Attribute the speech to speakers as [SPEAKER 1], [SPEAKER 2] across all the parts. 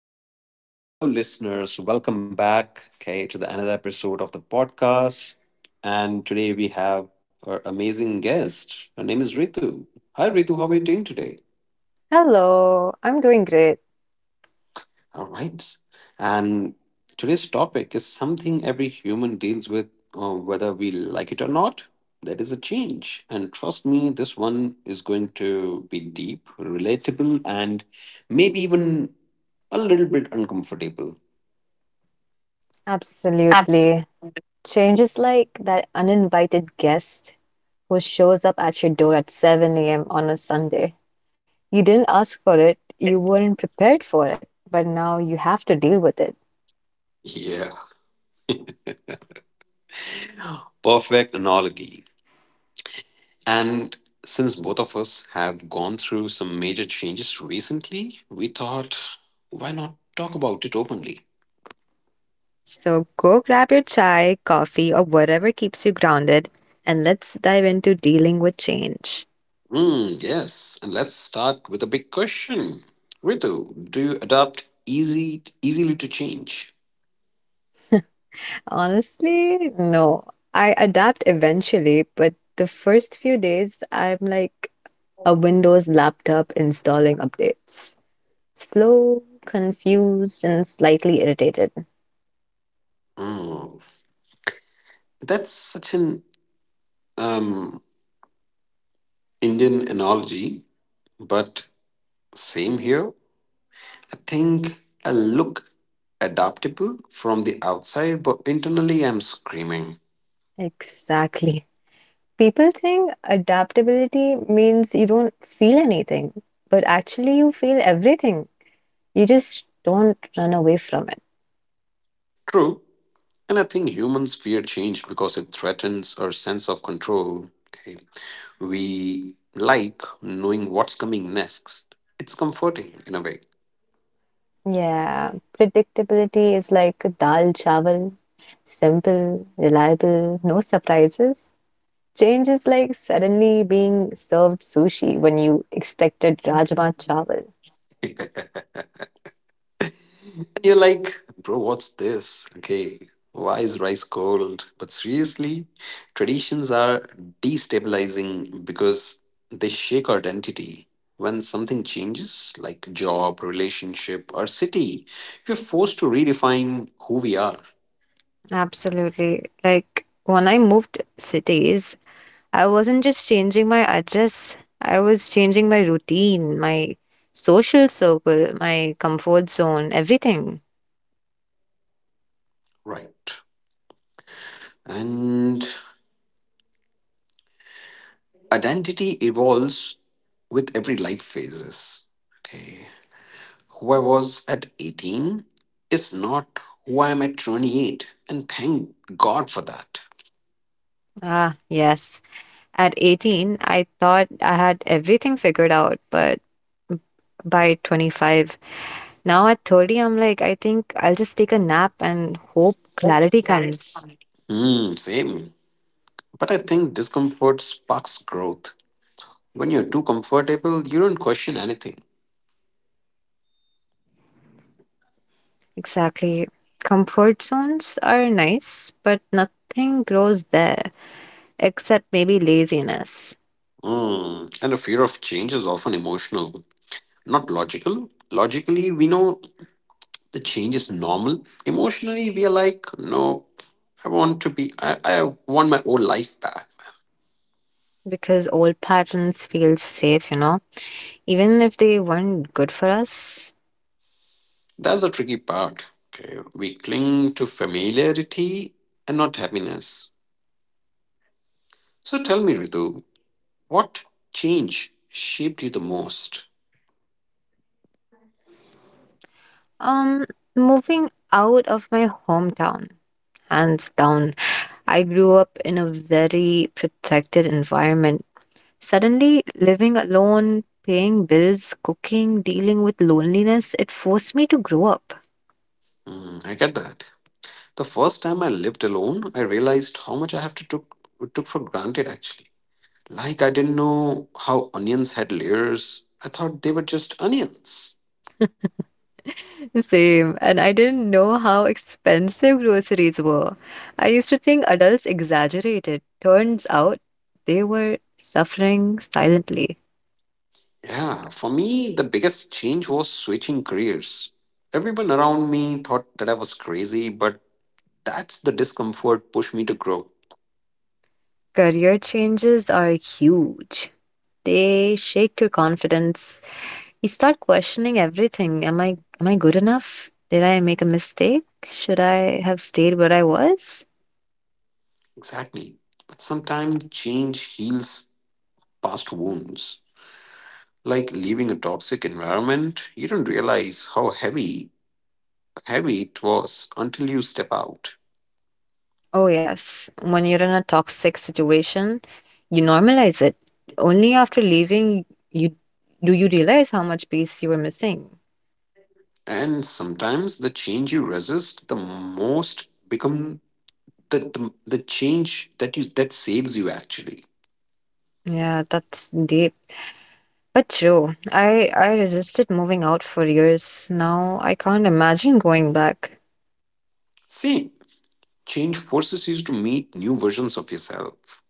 [SPEAKER 1] everyone. Hello, listeners. Welcome back, okay, to the another episode of the podcast. And today we have our amazing guest. Her name is Ritu. Hi, Ritu. How are you doing today?
[SPEAKER 2] Hello, I'm doing great.
[SPEAKER 1] All right. And today's topic is something every human deals with, whether we like it or not. That is a change. And trust me, this one is going to be deep, relatable, and maybe even a little bit uncomfortable.
[SPEAKER 2] Absolutely. Change is like that uninvited guest who shows up at your door at 7 a.m. on a Sunday. You didn't ask for it, you weren't prepared for it, but now you have to deal with it.
[SPEAKER 1] Yeah, perfect analogy. And since both of us have gone through some major changes recently, we thought, why not talk about it openly?
[SPEAKER 2] So go grab your chai, coffee, or whatever keeps you grounded, and let's dive into dealing with change.
[SPEAKER 1] Hmm, yes. And let's start with a big question. Ritu, do you adapt easy easily to change?
[SPEAKER 2] Honestly, no. I adapt eventually, but the first few days, I'm like, a Windows laptop installing updates. Slow, confused, and slightly irritated.
[SPEAKER 1] Hmm. That's such an um, Indian analogy, but same here. I think I look adaptable from the outside, but internally I'm screaming.
[SPEAKER 2] Exactly. People think adaptability means you don't feel anything, but actually, you feel everything. You just don't run away from it.
[SPEAKER 1] True. And I think humans fear change because it threatens our sense of control. Okay. We like knowing what's coming next. It's comforting in a way.
[SPEAKER 2] Yeah, predictability is like dal chawal simple, reliable, no surprises. Change is like suddenly being served sushi when you expected Rajma Chawal.
[SPEAKER 1] And you're like, bro, what's this? Okay, why is rice cold? But seriously, traditions are destabilizing because they shake our identity. When something changes, like job, relationship, or city, we're forced to redefine who we are,
[SPEAKER 2] Absolutely. Like when I moved cities, I wasn't just changing my address, I was changing my routine, my social circle, my comfort zone, everything.
[SPEAKER 1] right? And identity evolves with every life phases. Okay. Who I was at 18 is not who I am at 28, and thank God for that.
[SPEAKER 2] Ah, yes. At 18, I thought I had everything figured out, but by 25, now at 30, I'm like, I think I'll just take a nap and hope clarity comes.
[SPEAKER 1] Hmm, same. But I think discomfort sparks growth. When you're too comfortable, you don't question anything.
[SPEAKER 2] Exactly. Comfort zones are nice, but nothing grows there, except maybe laziness.
[SPEAKER 1] Hmm. And the fear of change is often emotional, not logical. Logically, we know the change is normal. Emotionally, we are like, no, I want my old life back.
[SPEAKER 2] Because old patterns feel safe, you know, even if they weren't good for us.
[SPEAKER 1] That's the tricky part. Okay. We cling to familiarity and not happiness. So tell me, Ritu, what change shaped you the most?
[SPEAKER 2] um Moving out of my hometown, hands down. I grew up in a very protected environment. Suddenly living alone, paying bills, cooking, dealing with loneliness, it forced me to grow up.
[SPEAKER 1] Hmm, I get that. The first time I lived alone, I realized how much I have to took took for granted actually. Like I didn't know how onions had layers. I thought they were just onions.
[SPEAKER 2] Same, and I didn't know how expensive groceries were. I used to think adults exaggerated. Turns out they were suffering silently.
[SPEAKER 1] Yeah, for me, the biggest change was switching careers. Everyone around me thought that I was crazy, but That's the discomfort pushed me to grow.
[SPEAKER 2] Career changes are huge. They shake your confidence. You start questioning everything. Am I good enough? Did I make a mistake? Should I have stayed where I was?
[SPEAKER 1] Exactly. But sometimes change heals past wounds. Like leaving a toxic environment, you don't realize how heavy it was until you step out.
[SPEAKER 2] Oh, yes. When you're in a toxic situation, you normalize it. Only after leaving you do you realize how much peace you were missing.
[SPEAKER 1] And sometimes the change you resist the most become the change that you that saves you actually.
[SPEAKER 2] Yeah, that's deep. But true. I resisted moving out for years. Now I can't imagine going back.
[SPEAKER 1] See, change forces you to meet new versions of yourself.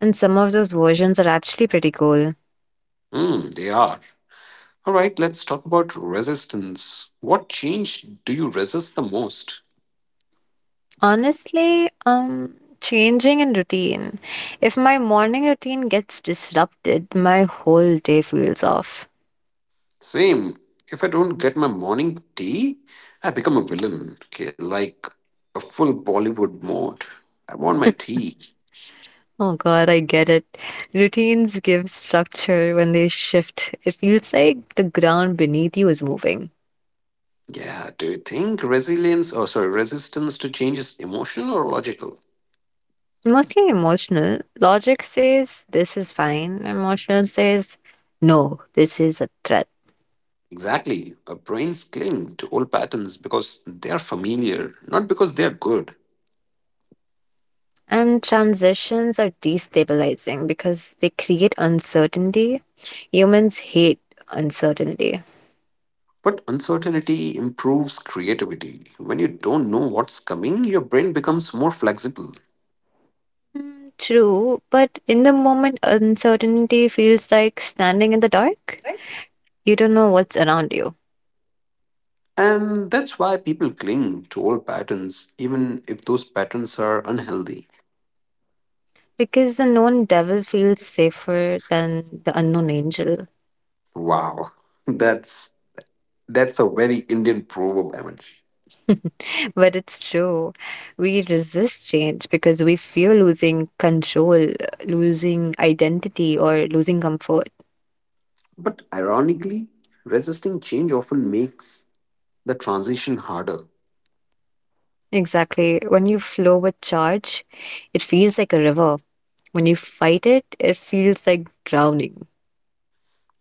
[SPEAKER 2] And some of those versions are actually pretty cool.
[SPEAKER 1] Hmm, they are. All right, let's talk about resistance. What change do you resist the most?
[SPEAKER 2] Honestly, changing in routine. If my morning routine gets disrupted, my whole day feels off.
[SPEAKER 1] Same. If I don't get my morning tea, I become a villain. Okay, like a full Bollywood mode. I want my tea.
[SPEAKER 2] Oh God, I get it. Routines give structure. When they shift, it feels like the ground beneath you is moving.
[SPEAKER 1] Yeah, do you think resistance to change is emotional or logical?
[SPEAKER 2] Mostly emotional. Logic says this is fine. Emotional says no, this is a threat.
[SPEAKER 1] Exactly. Our brains cling to old patterns because they are familiar, not because they are good.
[SPEAKER 2] And transitions are destabilizing because they create uncertainty. Humans hate uncertainty.
[SPEAKER 1] But uncertainty improves creativity. When you don't know what's coming, your brain becomes more flexible.
[SPEAKER 2] Mm, true, but in the moment, uncertainty feels like standing in the dark. You don't know what's around you.
[SPEAKER 1] And that's why people cling to old patterns, even if those patterns are unhealthy.
[SPEAKER 2] Because the known devil feels safer than the unknown angel.
[SPEAKER 1] Wow, that's that's a very Indian proverb, Amanji.
[SPEAKER 2] But it's true. We resist change because we fear losing control, losing identity, or losing comfort.
[SPEAKER 1] But ironically, resisting change often makes the transition harder.
[SPEAKER 2] Exactly. When you flow with charge, it feels like a river. When you fight it, it feels like drowning.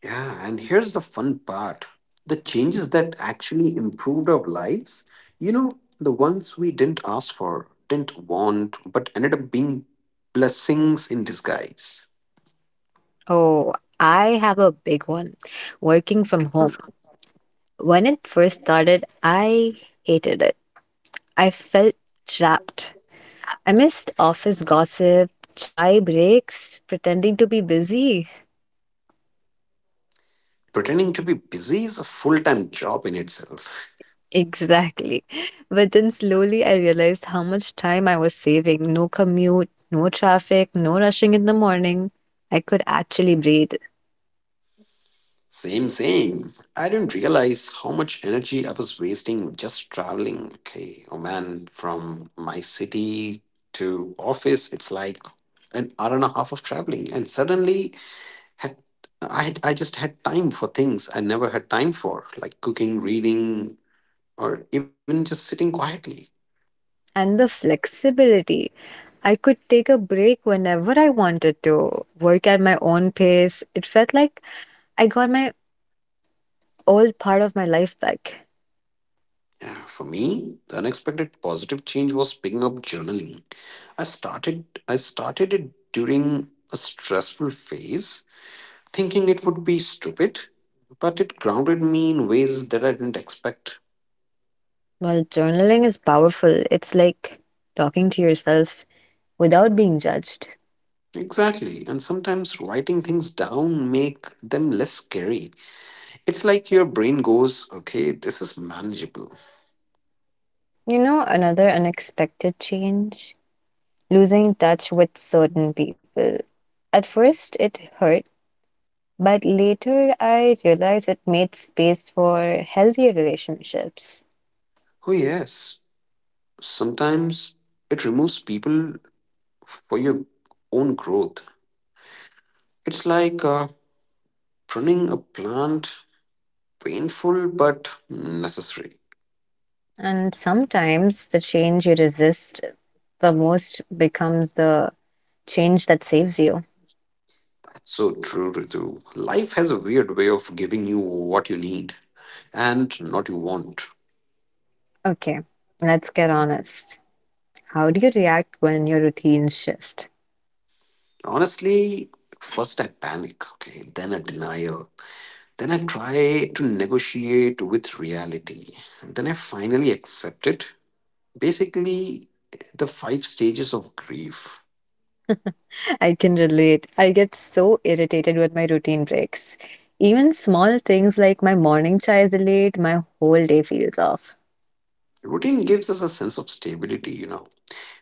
[SPEAKER 1] Yeah, and here's the fun part, the changes that actually improved our lives, you know, the ones we didn't ask for, didn't want, but ended up being blessings in disguise.
[SPEAKER 2] Oh, I have a big one, working from home. When it first started, I hated it. I felt trapped. I missed office gossip, chai breaks, pretending to be busy.
[SPEAKER 1] Pretending to be busy is a full time job in itself.
[SPEAKER 2] Exactly. But then slowly I realized how much time I was saving. No commute, no traffic, no rushing in the morning. I could actually breathe.
[SPEAKER 1] Same, same. I didn't realize how much energy I was wasting just traveling. Okay, oh man, from my city to office, it's like an hour and a half of traveling. And suddenly had I just had time for things I never had time for, like cooking, reading, or even just sitting quietly.
[SPEAKER 2] And the flexibility. I could take a break whenever I wanted to, work at my own pace. It felt like I got my old part of my life back.
[SPEAKER 1] Yeah, for me, the unexpected positive change was picking up journaling. I started it during a stressful phase, thinking it would be stupid, but it grounded me in ways that I didn't expect.
[SPEAKER 2] Well, journaling is powerful. It's like talking to yourself without being judged.
[SPEAKER 1] Exactly, and sometimes writing things down make them less scary. It's like your brain goes, "Okay, this is manageable."
[SPEAKER 2] You know, another unexpected change, losing touch with certain people. At first, it hurt, but later I realized it made space for healthier relationships.
[SPEAKER 1] Oh, yes. Sometimes it removes people for your own growth. It's like pruning a plant, painful but necessary.
[SPEAKER 2] And sometimes the change you resist the most becomes the change that saves you.
[SPEAKER 1] That's so true, Ritu. Life has a weird way of giving you what you need and not you want.
[SPEAKER 2] Okay, let's get honest. How do you react when your routines shift?
[SPEAKER 1] Honestly, first I panic, okay, then a denial. Then I try to negotiate with reality. Then I finally accept it. Basically the five stages of grief.
[SPEAKER 2] I can relate. I get so irritated when my routine breaks. Even small things like my morning chai is delayed, my whole day feels off.
[SPEAKER 1] Routine gives us a sense of stability, you know.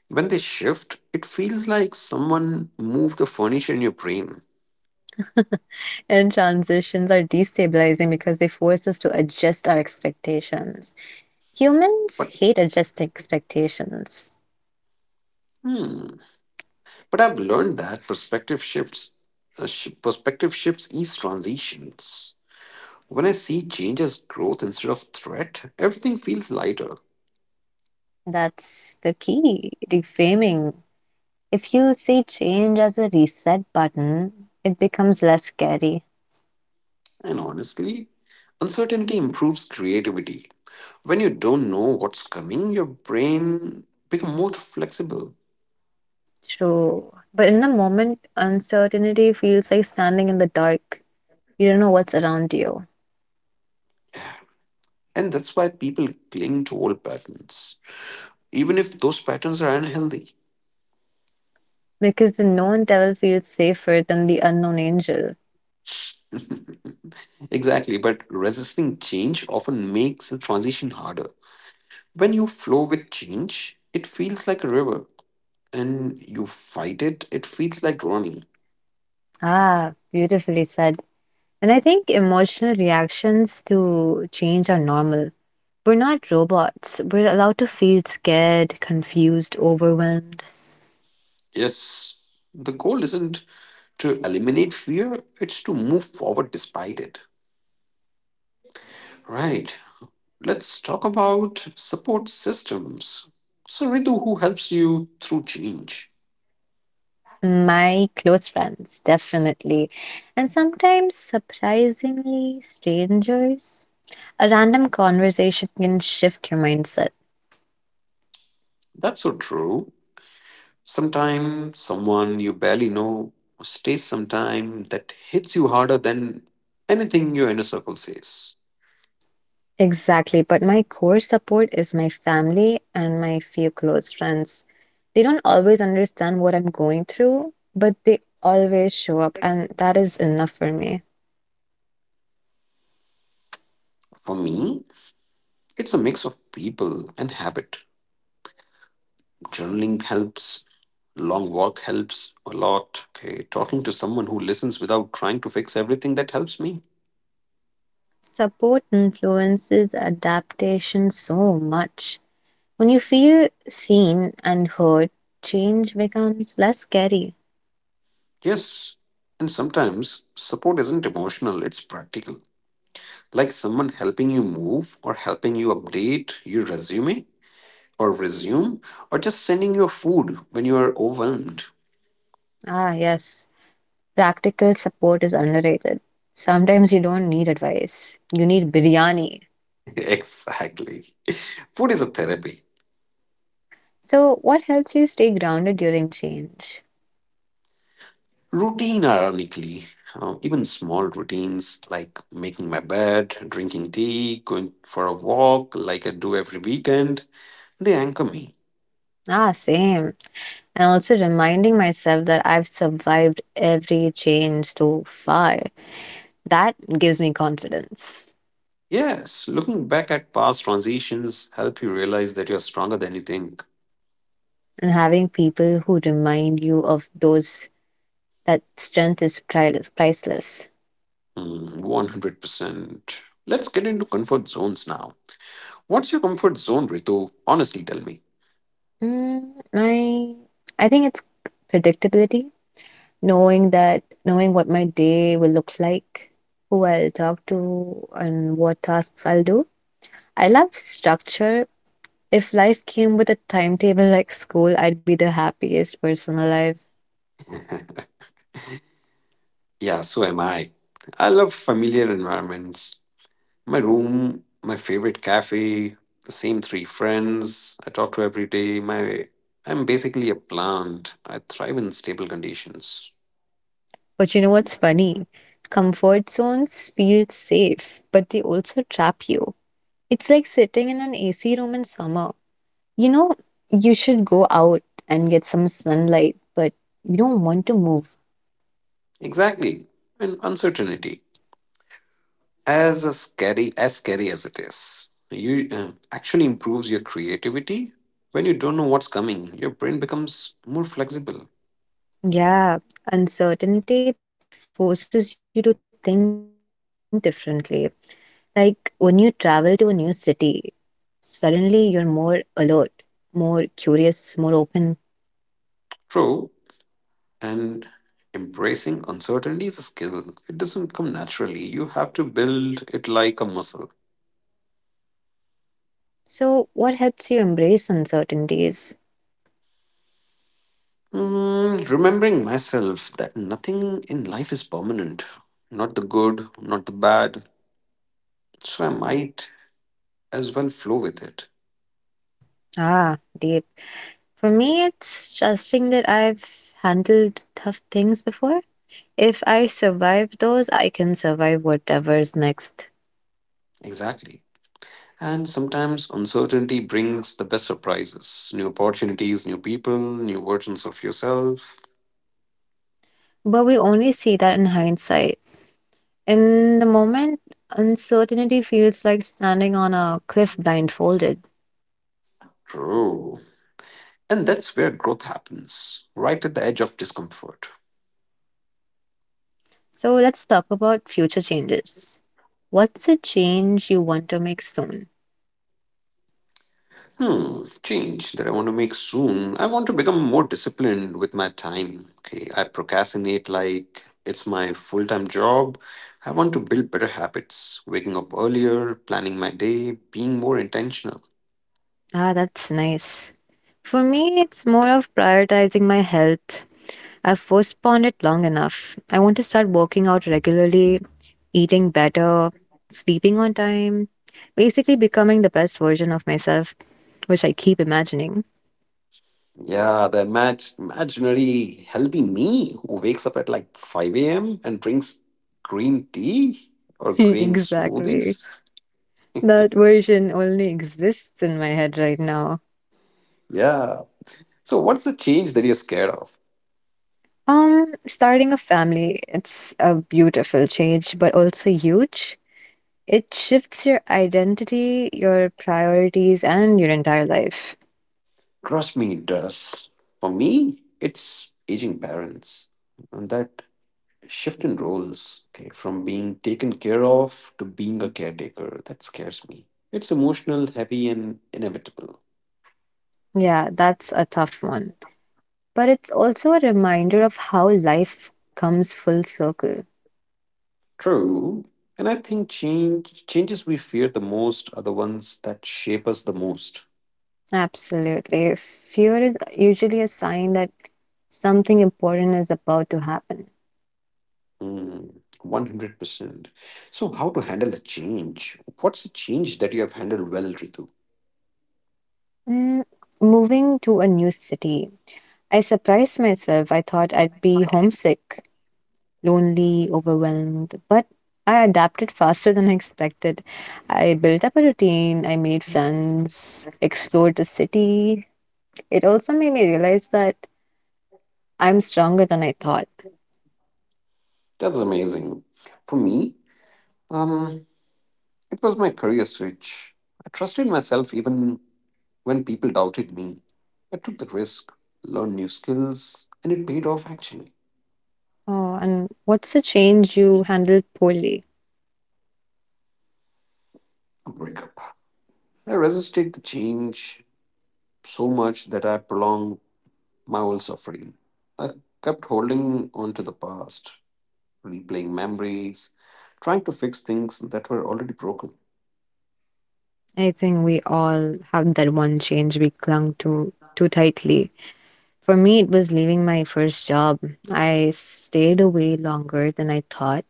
[SPEAKER 1] When they shift, it feels like someone moved the furniture in your brain.
[SPEAKER 2] And transitions are destabilizing because they force us to adjust our expectations. Humans
[SPEAKER 1] But
[SPEAKER 2] hate adjusting expectations.
[SPEAKER 1] hmm, but I've learned that perspective shifts ease transitions. When I see change as growth instead of threat, everything feels lighter.
[SPEAKER 2] That's the key, reframing. If you see change as a reset button, it becomes less scary.
[SPEAKER 1] And honestly, uncertainty improves creativity. When you don't know what's coming, your brain becomes more flexible.
[SPEAKER 2] True. But in the moment, uncertainty feels like standing in the dark. You don't know what's around you
[SPEAKER 1] And that's why people cling to old patterns, even if those patterns are unhealthy.
[SPEAKER 2] because the known devil feels safer than the unknown angel.
[SPEAKER 1] Exactly, but resisting change often makes the transition harder. When you flow with change, it feels like a river, and you fight it, it feels like running.
[SPEAKER 2] Ah, beautifully said. And I think emotional reactions to change are normal. We're not robots. We're allowed to feel scared, confused, overwhelmed.
[SPEAKER 1] Yes, the goal isn't to eliminate fear, it's to move forward despite it. Right, let's talk about support systems. So, Ritu, who helps you through change?
[SPEAKER 2] My close friends, definitely. And sometimes, surprisingly, strangers. A random conversation can shift your mindset.
[SPEAKER 1] That's so true. Sometime someone you barely know stays sometime that hits you harder than anything your inner circle says.
[SPEAKER 2] Exactly, but my core support is my family and my few close friends. They don't always understand what I'm going through, but they always show up, and that is enough for me.
[SPEAKER 1] For me, it's a mix of people and habit. Journaling helps, long walk helps a lot. Okay, talking to someone who listens without trying to fix everything that helps me.
[SPEAKER 2] Support influences adaptation so much. When you feel seen and heard, change becomes less scary.
[SPEAKER 1] Yes, and sometimes support isn't emotional, it's practical. Like someone helping you move or helping you update your resume or just sending your food when you are overwhelmed.
[SPEAKER 2] Ah, yes, practical support is underrated. Sometimes you don't need advice, you need biryani.
[SPEAKER 1] Exactly. Food is a therapy.
[SPEAKER 2] So, what helps you stay grounded during change?
[SPEAKER 1] Routine, ironically, even small routines like making my bed, drinking tea, going for a walk like I do every weekend, they anchor me.
[SPEAKER 2] Ah, same. And also reminding myself that I've survived every change so far. That gives me confidence.
[SPEAKER 1] Yes, looking back at past transitions help you realize that you're stronger than you think.
[SPEAKER 2] And having people who remind you of those that strength is priceless. Priceless.
[SPEAKER 1] Hmm, 100%. Let's get into comfort zones now. What's your comfort zone, Ritu? Honestly, tell me.
[SPEAKER 2] Mm, I think it's predictability. Knowing that knowing what my day will look like, who I'll talk to, and what tasks I'll do. I love structure. If life came with a timetable like school, I'd be the happiest person alive.
[SPEAKER 1] Yeah, so am I. I love familiar environments. My room, my favorite cafe, the same three friends I talk to every day. My I'm basically a plant. I thrive in stable conditions.
[SPEAKER 2] But you know what's funny? Comfort zones feel safe, but they also trap you. It's like sitting in an AC room in summer. You know, you should go out and get some sunlight, but you don't want to move.
[SPEAKER 1] Exactly. And uncertainty, as a scary as it is, you actually improves your creativity. When you don't know what's coming, your brain becomes more flexible.
[SPEAKER 2] Yeah, uncertainty forces you to think differently. Like when you travel to a new city, suddenly you're more alert, more curious, more open.
[SPEAKER 1] True. And embracing uncertainty is a skill. It doesn't come naturally, you have to build it like a muscle.
[SPEAKER 2] So, what helps you embrace uncertainties?
[SPEAKER 1] Mm, remembering myself that nothing in life is permanent, not the good, not the bad, so I might as well flow with it.
[SPEAKER 2] Ah, deep. For me, it's trusting that I've handled tough things before. If I survive those, I can survive whatever's next.
[SPEAKER 1] Exactly. And sometimes uncertainty brings the best surprises, new opportunities, new people, new versions of yourself.
[SPEAKER 2] But we only see that in hindsight. In the moment, uncertainty feels like standing on a cliff blindfolded.
[SPEAKER 1] True. And that's where growth happens, right at the edge of discomfort.
[SPEAKER 2] So, let's talk about future changes. What's a change you want to make soon?
[SPEAKER 1] Hmm, change that I want to make soon. I want to become more disciplined with my time. Okay, I procrastinate like it's my full time job. I want to build better habits, waking up earlier, planning my day, being more intentional.
[SPEAKER 2] Ah, that's nice. For me, it's more of prioritizing my health. I've postponed it long enough. I want to start working out regularly, eating better, sleeping on time, basically becoming the best version of myself, which I keep imagining.
[SPEAKER 1] Yeah, the imaginary healthy me who wakes up at like 5 a.m. and drinks green tea or green
[SPEAKER 2] Exactly.
[SPEAKER 1] smoothies.
[SPEAKER 2] That version only exists in my head right now.
[SPEAKER 1] Yeah. So, what's the change that you're scared of?
[SPEAKER 2] Starting a family, it's a beautiful change, but also huge. It shifts your identity, your priorities, and your entire life.
[SPEAKER 1] Trust me, it does. For me, it's aging parents. And that shift in roles, okay, from being taken care of to being a caretaker, that scares me. It's emotional heavy and inevitable.
[SPEAKER 2] Yeah, that's a tough one. But it's also a reminder of how life comes full circle.
[SPEAKER 1] True. And I think changes we fear the most are the ones that shape us the most.
[SPEAKER 2] Absolutely. Fear is usually a sign that something important is about to happen.
[SPEAKER 1] Hmm, 100%. So how to handle a change, what's a change that you have handled well, Ritu?
[SPEAKER 2] Mm, moving to a new city. I surprised myself. I thought I'd be homesick, lonely, overwhelmed, but I adapted faster than I expected. I built up a routine, I made friends, explored the city. It also made me realize that I'm stronger than I thought.
[SPEAKER 1] That's amazing. For me, um it was my career switch. I trusted myself even when people doubted me. I took the risk, learned new skills, and it paid off actually.
[SPEAKER 2] Oh, and what's the change you handled poorly?
[SPEAKER 1] A breakup. I resisted the change so much that I prolonged my whole suffering. I kept holding on to the past, replaying memories, trying to fix things that were already broken.
[SPEAKER 2] I think we all have that one change we clung to too tightly. For me, it was leaving my first job. I stayed away longer than I thought.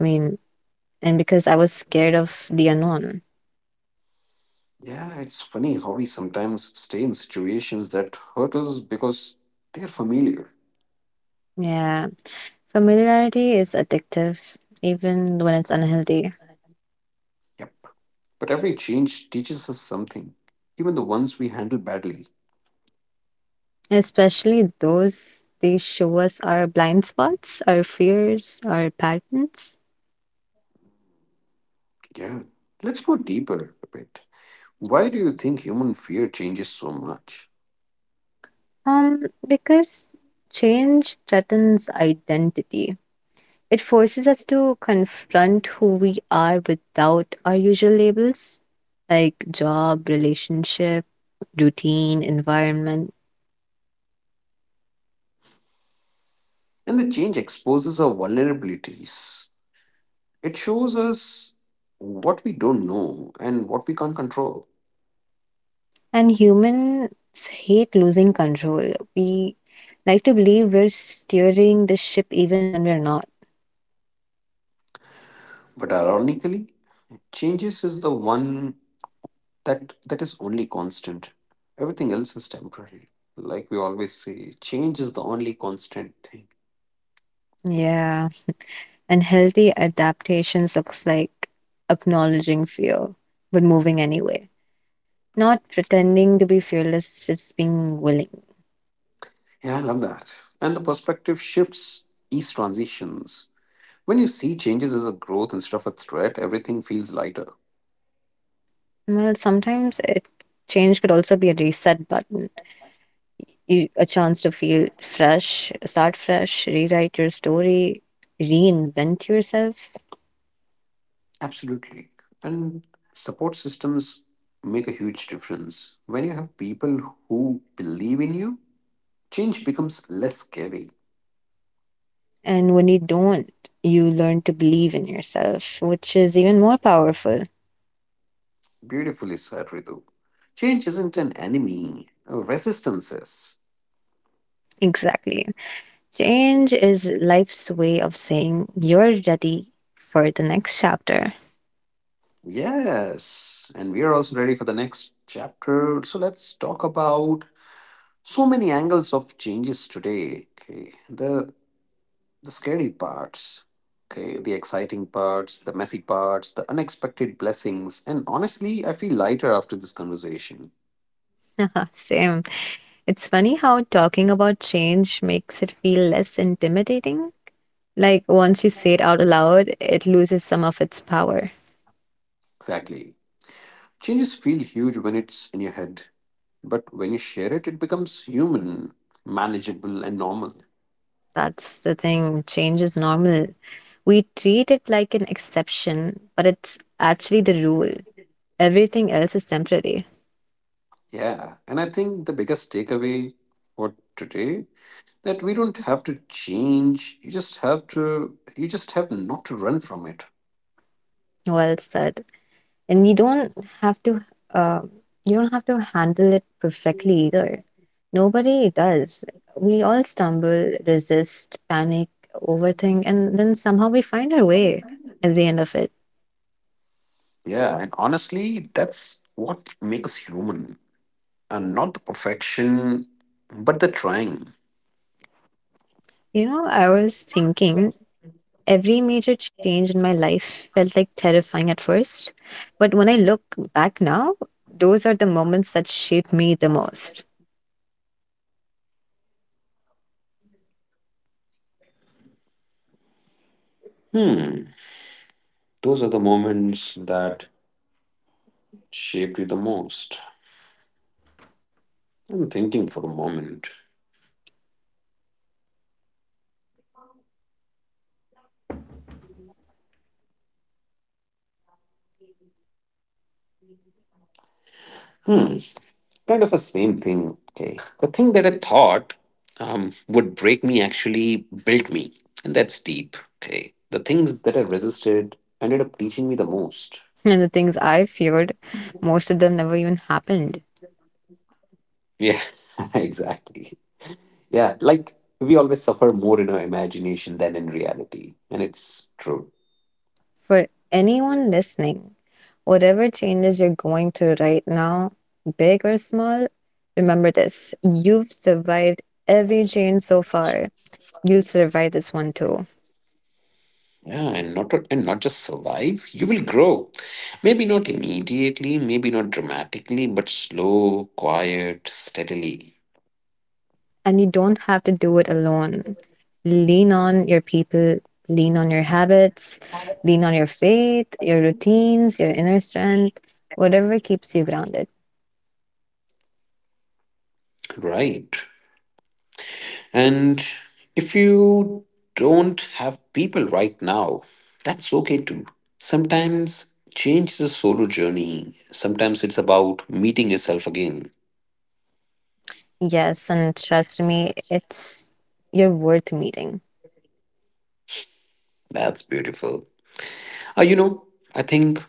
[SPEAKER 2] I mean, and because I was scared of the unknown.
[SPEAKER 1] Yeah, it's funny how we sometimes stay in situations that hurt us because they're familiar.
[SPEAKER 2] Yeah, familiarity is addictive, even when it's unhealthy,
[SPEAKER 1] Yep. But every change teaches us something, even the ones we handle badly.
[SPEAKER 2] especially those. They show us our blind spots, our fears, our patterns.
[SPEAKER 1] Yeah. Let's go deeper a bit. Why do you think human fear changes so much?
[SPEAKER 2] Because change threatens identity. It forces us to confront who we are without our usual labels, like job, relationship, routine, environment.
[SPEAKER 1] And the change exposes our vulnerabilities. It shows us what we don't know and what we can't control.
[SPEAKER 2] And humans hate losing control. We like to believe we're steering the ship even when we're not.
[SPEAKER 1] But ironically, changes is the one that is only constant. Everything else is temporary. Like we always say, change is the only constant thing.
[SPEAKER 2] Yeah. And healthy adaptations looks like acknowledging fear, but moving anyway. Not pretending to be fearless, just being willing.
[SPEAKER 1] Yeah, I love that. And the perspective shifts ease transitions. When you see changes as a growth instead of a threat, everything feels lighter.
[SPEAKER 2] Well, sometimes it change could also be a reset button. You, a chance to feel fresh, start fresh, rewrite your story, reinvent yourself.
[SPEAKER 1] Absolutely. And support systems make a huge difference. When you have people who believe in you, change becomes less scary.
[SPEAKER 2] And when you don't, you learn to believe in yourself, which is even more powerful.
[SPEAKER 1] Beautifully said, Ritu. Change isn't an enemy, resistance is.
[SPEAKER 2] Exactly. Change is life's way of saying you're ready for the next chapter.
[SPEAKER 1] Yes. And we are also ready for the next chapter. So let's talk about so many angles of changes today. Okay, the scary parts, okay, the exciting parts, the messy parts, the unexpected blessings. And honestly, I feel lighter after this conversation.
[SPEAKER 2] Same. It's funny how talking about change makes it feel less intimidating. Like once you say it out loud, it loses some of its power.
[SPEAKER 1] Exactly, changes feel huge when it's in your head, but when you share it, it becomes human, manageable and normal.
[SPEAKER 2] That's the thing. Change is normal. We treat it like an exception, but it's actually the rule. Everything else is temporary.
[SPEAKER 1] Yeah, and I think the biggest takeaway for today, that we don't have to change, you just have to, you just have not to run from it.
[SPEAKER 2] Well said. And have to, uh, you don't have to handle it perfectly either. Nobody does. We all stumble, resist, panic, overthink, and then somehow we find our way at the end of it.
[SPEAKER 1] Yeah, and honestly, that's what makes human, and not the perfection, but the trying.
[SPEAKER 2] You know, I was thinking every major change in my life felt like terrifying at first. But when I look back now, those are the moments that shaped me the most.
[SPEAKER 1] Hmm, those are the moments that shaped you the most. I'm thinking for a moment. Hmm, kind of a same thing. Okay, the thing that I thought would break me actually built me, and that's deep. Okay, the things that I resisted ended up teaching me the most.
[SPEAKER 2] And the things I feared, most of them never even happened.
[SPEAKER 1] Yeah, exactly. Yeah, like we always suffer more in our imagination than in reality, and it's true.
[SPEAKER 2] For anyone listening, whatever changes you're going through right now, big or small, remember this, you've survived every change so far. You'll survive this one too.
[SPEAKER 1] Yeah, and not just survive, you will grow. Maybe not immediately, maybe not dramatically, but slow, quiet, steadily.
[SPEAKER 2] And you don't have to do it alone. Lean on your people, lean on your habits, lean on your faith, your routines, your inner strength, whatever keeps you grounded.
[SPEAKER 1] Right. And if you don't have people right now, that's okay too. Sometimes change is a solo journey. Sometimes it's about meeting yourself again.
[SPEAKER 2] Yes, and trust me, it's you're worth meeting.
[SPEAKER 1] That's beautiful. You know, I think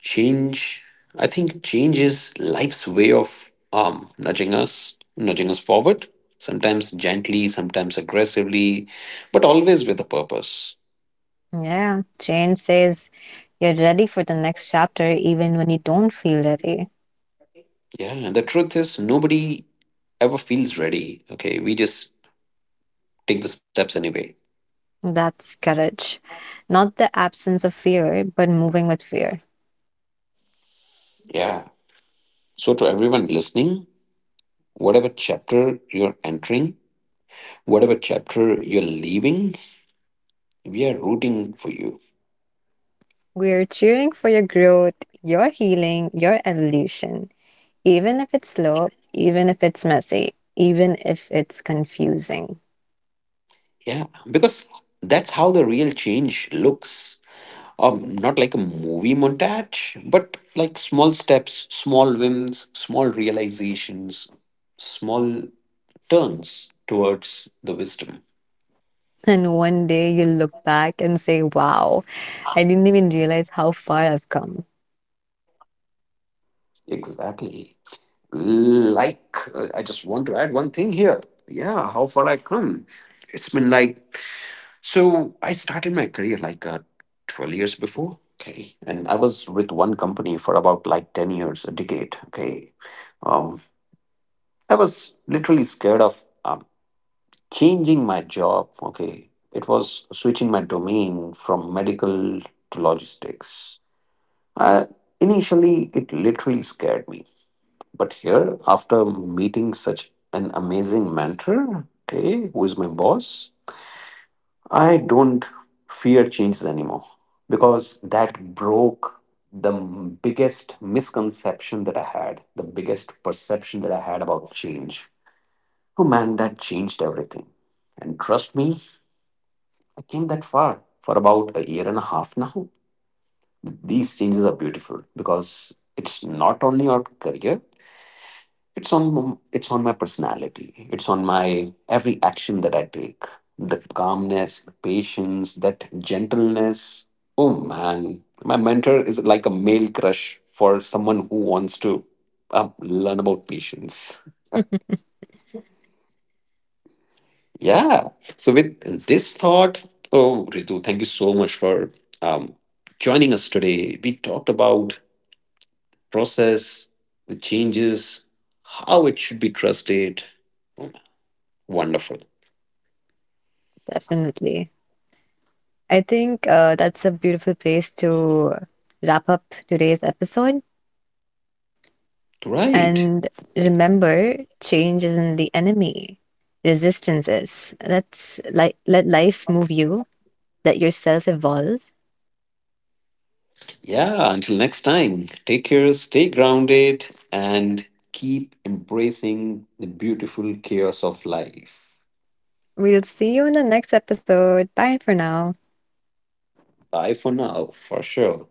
[SPEAKER 1] Change, I think change is life's way of nudging us forward, sometimes gently, sometimes aggressively, but always with a purpose.
[SPEAKER 2] Yeah, change says you're ready for the next chapter even when you don't feel ready.
[SPEAKER 1] Yeah, and the truth is, nobody ever feels ready. Okay, we just take the steps anyway.
[SPEAKER 2] That's courage. Not the absence of fear, but moving with fear.
[SPEAKER 1] Yeah. So, to everyone listening, whatever chapter you're entering, whatever chapter you're leaving, we are rooting for you.
[SPEAKER 2] We're cheering for your growth, your healing, your evolution, even if it's slow, even if it's messy, even if it's confusing.
[SPEAKER 1] Yeah, because that's how the real change looks. Not like a movie montage, but like small steps, small wins, small realizations, small turns towards the wisdom.
[SPEAKER 2] And one day you'll look back and say, wow, I didn't even realize how far I've come.
[SPEAKER 1] Exactly. Like, I just want to add one thing here. Yeah, how far I come. It's been like, so I started my career like 12 years before. Okay. And I was with one company for about like 10 years, a decade. Okay. Um, I was literally scared of. um. Changing my job, okay, it was switching my domain from medical to logistics. I, initially it literally scared me. But here, after meeting such an amazing mentor, okay, who is my boss, I don't fear changes anymore, because that broke the biggest misconception that I had, the biggest perception that I had about change. Oh man, that changed everything. And trust me, I came that far for about a year and a half now. These changes are beautiful because it's not only on career, it's on it's on my personality. It's on my every action that I take. The calmness, the patience, that gentleness. Oh man, my mentor is like a male crush for someone who wants to learn about patience. Yeah. So with this thought, oh Ritu, thank you so much for um, joining us today. We talked about process, the changes, how it should be trusted. Wonderful.
[SPEAKER 2] Definitely. I think that's a beautiful place to wrap up today's episode.
[SPEAKER 1] Right.
[SPEAKER 2] And
[SPEAKER 1] Right.
[SPEAKER 2] remember, change isn't the enemy, resistance is. Let life move you, let yourself evolve.
[SPEAKER 1] Yeah. Until next time, take care, stay grounded, and keep embracing the beautiful chaos of life.
[SPEAKER 2] We'll see you in the next episode. Bye for now.
[SPEAKER 1] Bye for now, for sure.